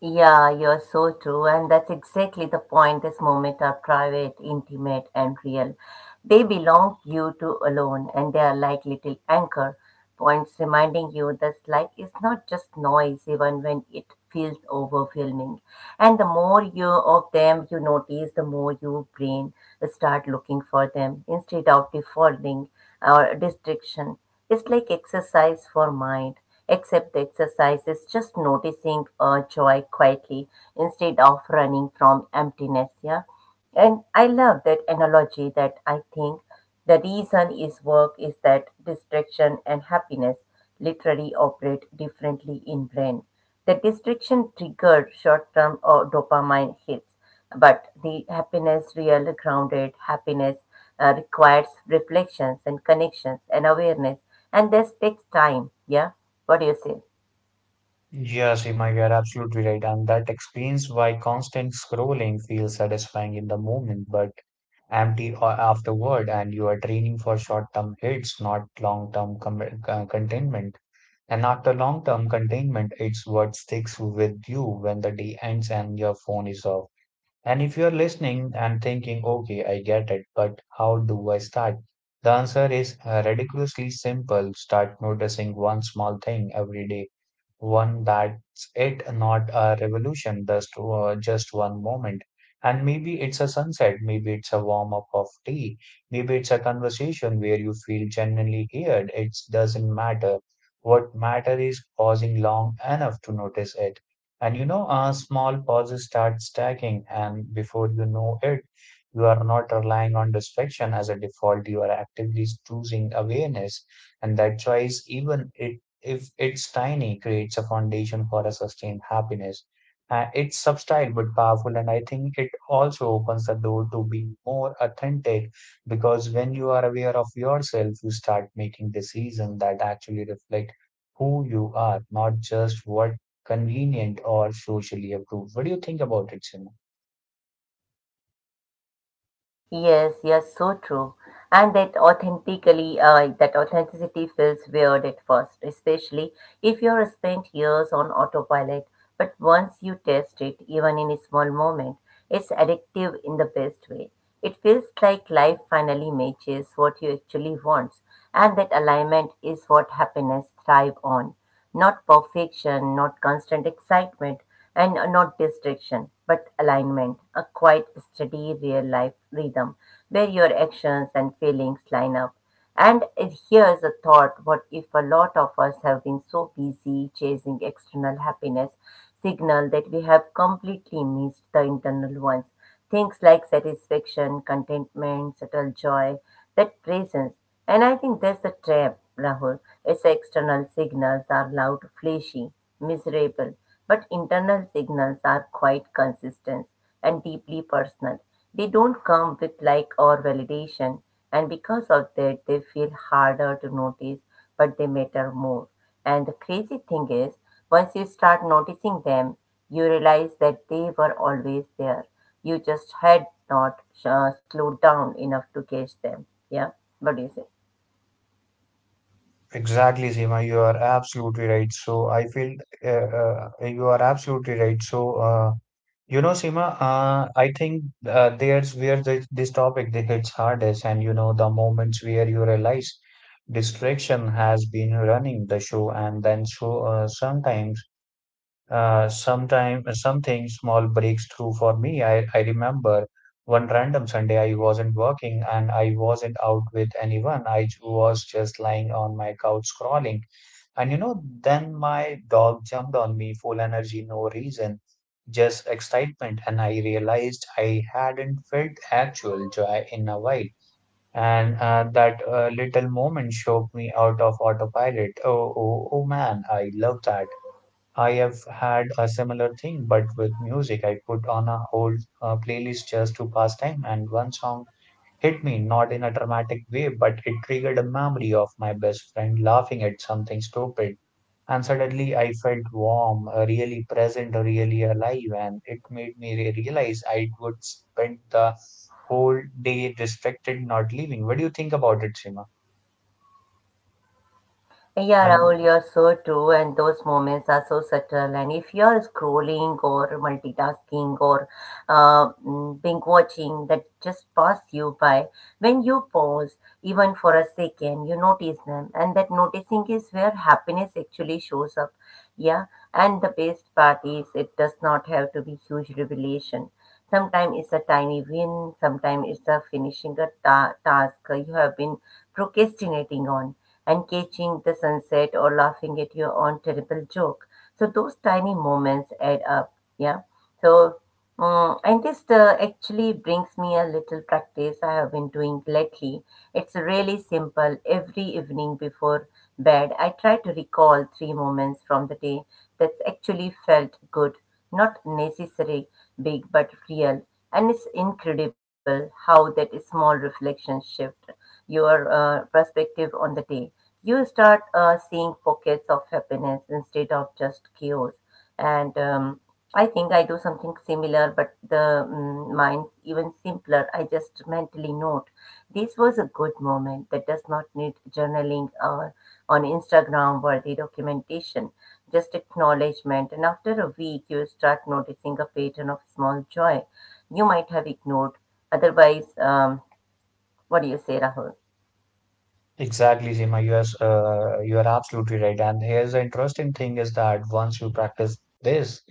Yeah, you're so true. And that's exactly the point. This moment are private, intimate, and real. They belong you to alone, and they are like little anchor points reminding you that life is not just noise, even when it feels overwhelming. And the more you of them you notice, the more your brain start looking for them instead of defaulting or distraction. It's like exercise for mind, except the exercise is just noticing joy quietly instead of running from emptiness. Yeah, and I love that analogy. That I think the reason is work is that distraction and happiness literally operate differently in brain. The distraction triggered short-term or dopamine hits, but the happiness, real grounded happiness requires reflections and connections and awareness, and this takes time. Yeah, what do you say? Yes, Seema, you're absolutely right. And that explains why constant scrolling feels satisfying in the moment, but empty afterward. And you are training for short-term hits, not long-term com containment. And after long-term containment, it's what sticks with you when the day ends and your phone is off. And if you're listening and thinking, okay, I get it, but how do I start? The answer is ridiculously simple. Start noticing one small thing every day. One That's it, not a revolution, just one moment. And maybe it's a sunset, maybe it's a warm up of tea, maybe it's a conversation where you feel genuinely heard. It doesn't matter. What matter is pausing long enough to notice it. And you know, small pauses start stacking, and before you know it, you are not relying on distraction as a default. You are actively choosing awareness, and that choice, even it if it's tiny, creates a foundation for a sustained happiness. It's subtle but powerful, and I think it also opens the door to being more authentic, because when you are aware of yourself, you start making decisions that actually reflect who you are, not just what convenient or socially approved. What do you think about it, Simon? Yes, yes, so true. And that authentically, that authenticity feels weird at first, especially if you're spent years on autopilot. But once you test it, even in a small moment, it's addictive in the best way. It feels like life finally matches what you actually want, and that alignment is what happiness thrive on. Not perfection, not constant excitement, and not distraction but alignment, a quiet, steady, real life rhythm where your actions and feelings line up. And it, here's a thought what if a lot of us have been so busy chasing external happiness signal that we have completely missed the internal ones? Things like satisfaction, contentment, subtle joy, that presence. And I think that's the trap, Rahul. It's external signals are loud, flashy, miserable, but internal signals are quite consistent and deeply personal. They don't come with like or validation, and because of that, they feel harder to notice, but they matter more. And the crazy thing is, once you start noticing them, you realize that they were always there you just had not slowed down enough to catch them. Yeah. What do you say? Exactly, Seema, you are absolutely right. So I feel You are absolutely right. You know, Seema, I think there's where this topic that hits hardest, and you know, the moments where you realize distraction has been running the show, and then sometime something small breaks through for me. I remember one random Sunday I wasn't working, and I wasn't out with anyone. I was just lying on my couch scrolling, and you know, then my dog jumped on me, full energy, no reason, just excitement. And I realized I hadn't felt actual joy in a while. And that little moment shook me out of autopilot. Oh, oh man, I love that. I have had a similar thing, but with music. I put on a whole playlist just to pass time, and one song hit me, not in a dramatic way, but it triggered a memory of my best friend laughing at something stupid, and suddenly I felt warm, really present, really alive, and it made me realize I would spend the whole day distracted, not leaving. What do you think about it, Seema? Yeah, I'm Rahul, you're so true, and those moments are so subtle. And if you're scrolling or multitasking or being watching, that just pass you by. When you pause, even for a second, you notice them, and that noticing is where happiness actually shows up. Yeah, and the best part is it does not have to be huge revelation. Sometimes it's a tiny win. Sometimes it's a finishing a task you have been procrastinating on and catching the sunset or laughing at your own terrible joke. So those tiny moments add up. Yeah. So and this actually brings me a little practice I have been doing lately it's really simple. Every evening before bed, I try to recall three moments from the day that actually felt good, not necessary, big, but real. And it's incredible how that small reflection shift your perspective on the day. You start seeing pockets of happiness instead of just chaos. And I think I do something similar, but mine's even simpler. I just mentally note this was a good moment that does not need journaling or on Instagram worthy documentation, just acknowledgement. And after a week, you start noticing a pattern of small joy you might have ignored. Otherwise, what do you say, Rahul? Exactly, Seema. You are absolutely right. And here's the interesting thing is that once you practice this,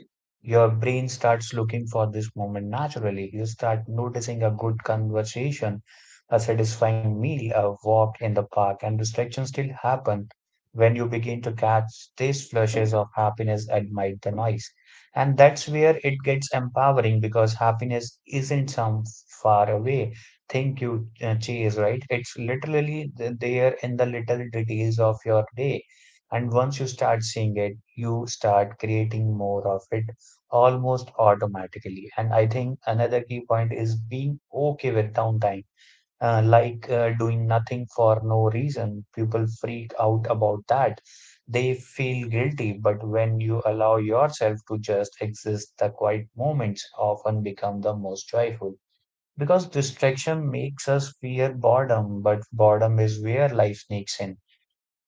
your brain starts looking for this moment naturally. You start noticing a good conversation, a satisfying meal, a walk in the park, and distractions still happen when you begin to catch these flashes of happiness amid the noise. And that's where it gets empowering, because happiness isn't some far away think you chase, right? It's literally there in the little details of your day. And once you start seeing it, you start creating more of it almost automatically. And I think another key point is being okay with downtime, like doing nothing for no reason. People freak out about that. They feel guilty, but when you allow yourself to just exist, the quiet moments often become the most joyful. Because distraction makes us fear boredom, but boredom is where life sneaks in.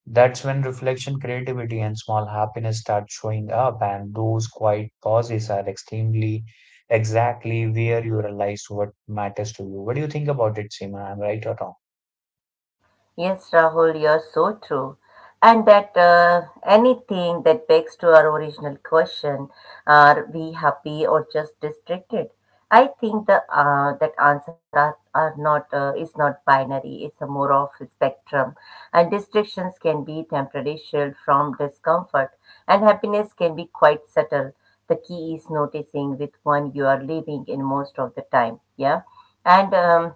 That's when reflection, creativity, and small happiness start showing up, and those quiet pauses are extremely exactly where you realize what matters to you. What do you think about it, Seema? I'm right or wrong? Yes, Rahul, you're so true. And that anything that begs to our original question, are we happy or just distracted? I think the that answer are not is not binary. It's a more of a spectrum, and distractions can be temporary shield from discomfort, and happiness can be quite subtle. The key is noticing with one you are living in most of the time. Yeah, and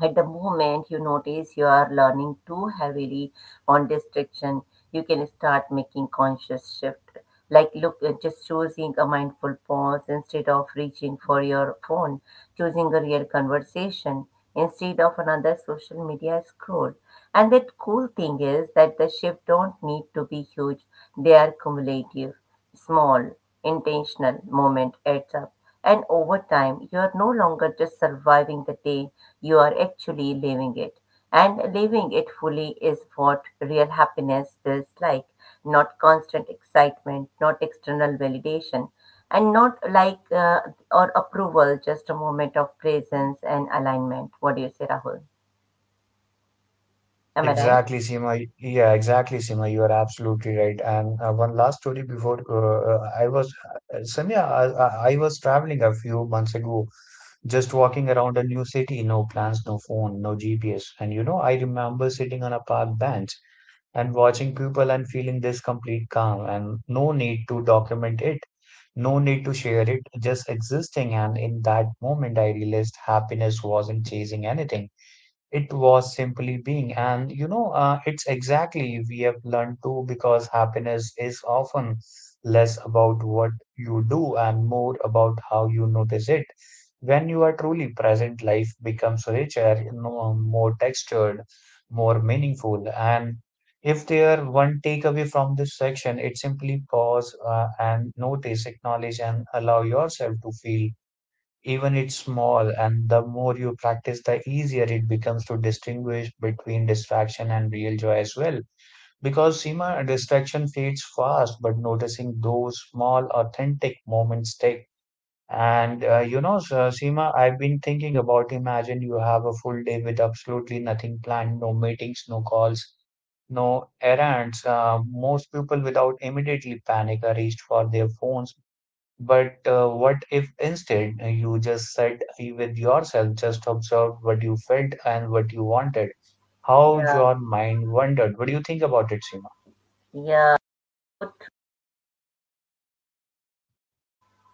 at the moment you notice you are learning too heavily on distraction, you can start making conscious shift. Like look, just choosing a mindful pause instead of reaching for your phone, choosing a real conversation instead of another social media scroll. And that cool thing is that the shift don't need to be huge; they are cumulative small, intentional moment adds up. And over time, you are no longer just surviving the day, you are actually living it. And living it fully is what real happiness feels like not constant excitement, not external validation, and not like or approval, just a moment of presence and alignment. What do you say, Rahul? Am I right? Yeah, exactly, Seema. You are absolutely right. And one last story before I was, Samya, I was traveling a few months ago, just walking around a new city, no plans, no phone, no GPS. And you know, I remember sitting on a park bench and watching people and feeling this complete calm, and no need to document it, no need to share it, just existing. And in that moment, I realized happiness wasn't chasing anything. It was simply being. And you know, it's exactly we have learned to, because happiness is often less about what you do and more about how you notice it. When you are truly present, life becomes richer, you know, more textured, more meaningful. And if there one takeaway from this section, it simply pause and notice, acknowledge, and allow yourself to feel, even it's small. And the more you practice, the easier it becomes to distinguish between distraction and real joy as well, because Seema, distraction fades fast, but noticing those small authentic moments take. And you know, so, Seema, I've been thinking about: imagine you have a full day with absolutely nothing planned, no meetings, no calls, no errands. Most people without immediately panic are reached for their phones, but what if instead you just sat with yourself, just observed what you felt and what you wanted, how Yeah, your mind wandered? What do you think about it, Seema? yeah, so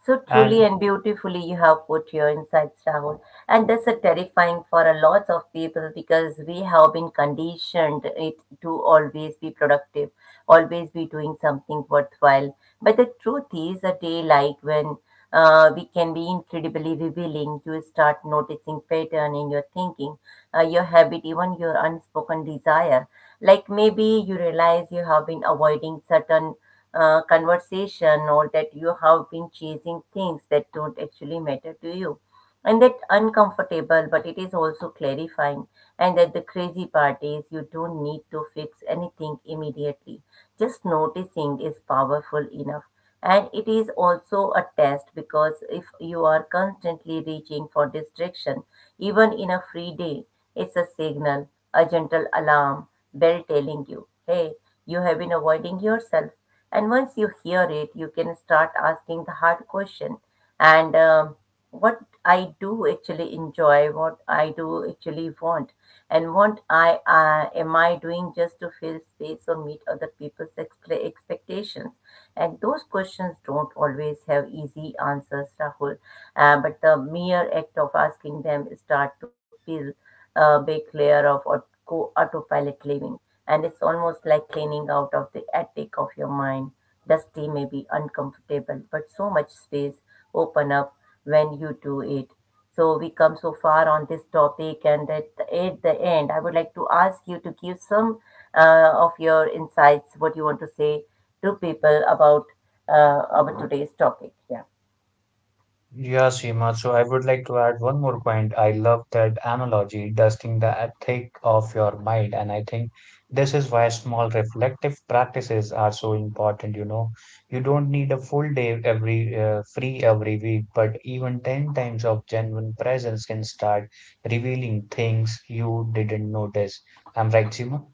so truly And and beautifully you have put your insights down. And that's a terrifying for a lot of people because we have been conditioned it to always be productive, always be doing something worthwhile. But the truth is a day like when we can be incredibly revealing. You start noticing pattern in your thinking, your habit, even your unspoken desire. Like maybe you realize you have been avoiding certain conversation or that you have been chasing things that don't actually matter to you and that uncomfortable, but it is also clarifying. And that the crazy part is you don't need to fix anything immediately. Just noticing is powerful enough. And it is also a test because if you are constantly reaching for distraction, even in a free day, it's a signal, a gentle alarm, bell telling you, hey, you have been avoiding yourself. And once you hear it, you can start asking the hard question. And what I do actually enjoy, what I do actually want, and what I am I doing just to fill space or meet other people's expectations. And those questions don't always have easy answers, Rahul. But the mere act of asking them start to feel a big layer of autopilot living, and it's almost like cleaning out of the attic of your mind. Dusty, maybe uncomfortable, but so much space open up when you do it. So we come so far on this topic, and at the end, I would like to ask you to give some of your insights, what you want to say to people about our today's topic. Yeah. Yeah, Seema. So I would like to add one more point. I love that analogy, dusting the attic of your mind. And I think this is why small reflective practices are so important. You know, you don't need a full day every free every week, but even 10 times of genuine presence can start revealing things you didn't notice. I'm right, Seema?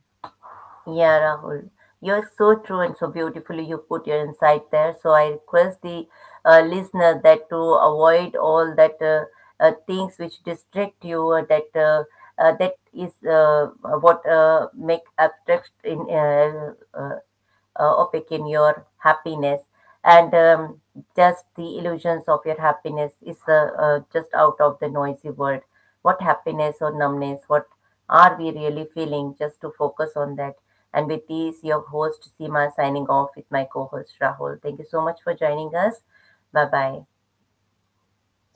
Yeah, Rahul, you're so true and so beautifully you put your insight there. So I request the listener that to avoid all that things which distract you. That that is what make abstract in opaque in your happiness and just the illusions of your happiness is just out of the noisy world what happiness or numbness what are we really feeling just to focus on that and with these your host Seema signing off with my co-host Rahul, thank you so much for joining us. Bye bye.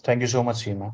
Thank you so much, Seema.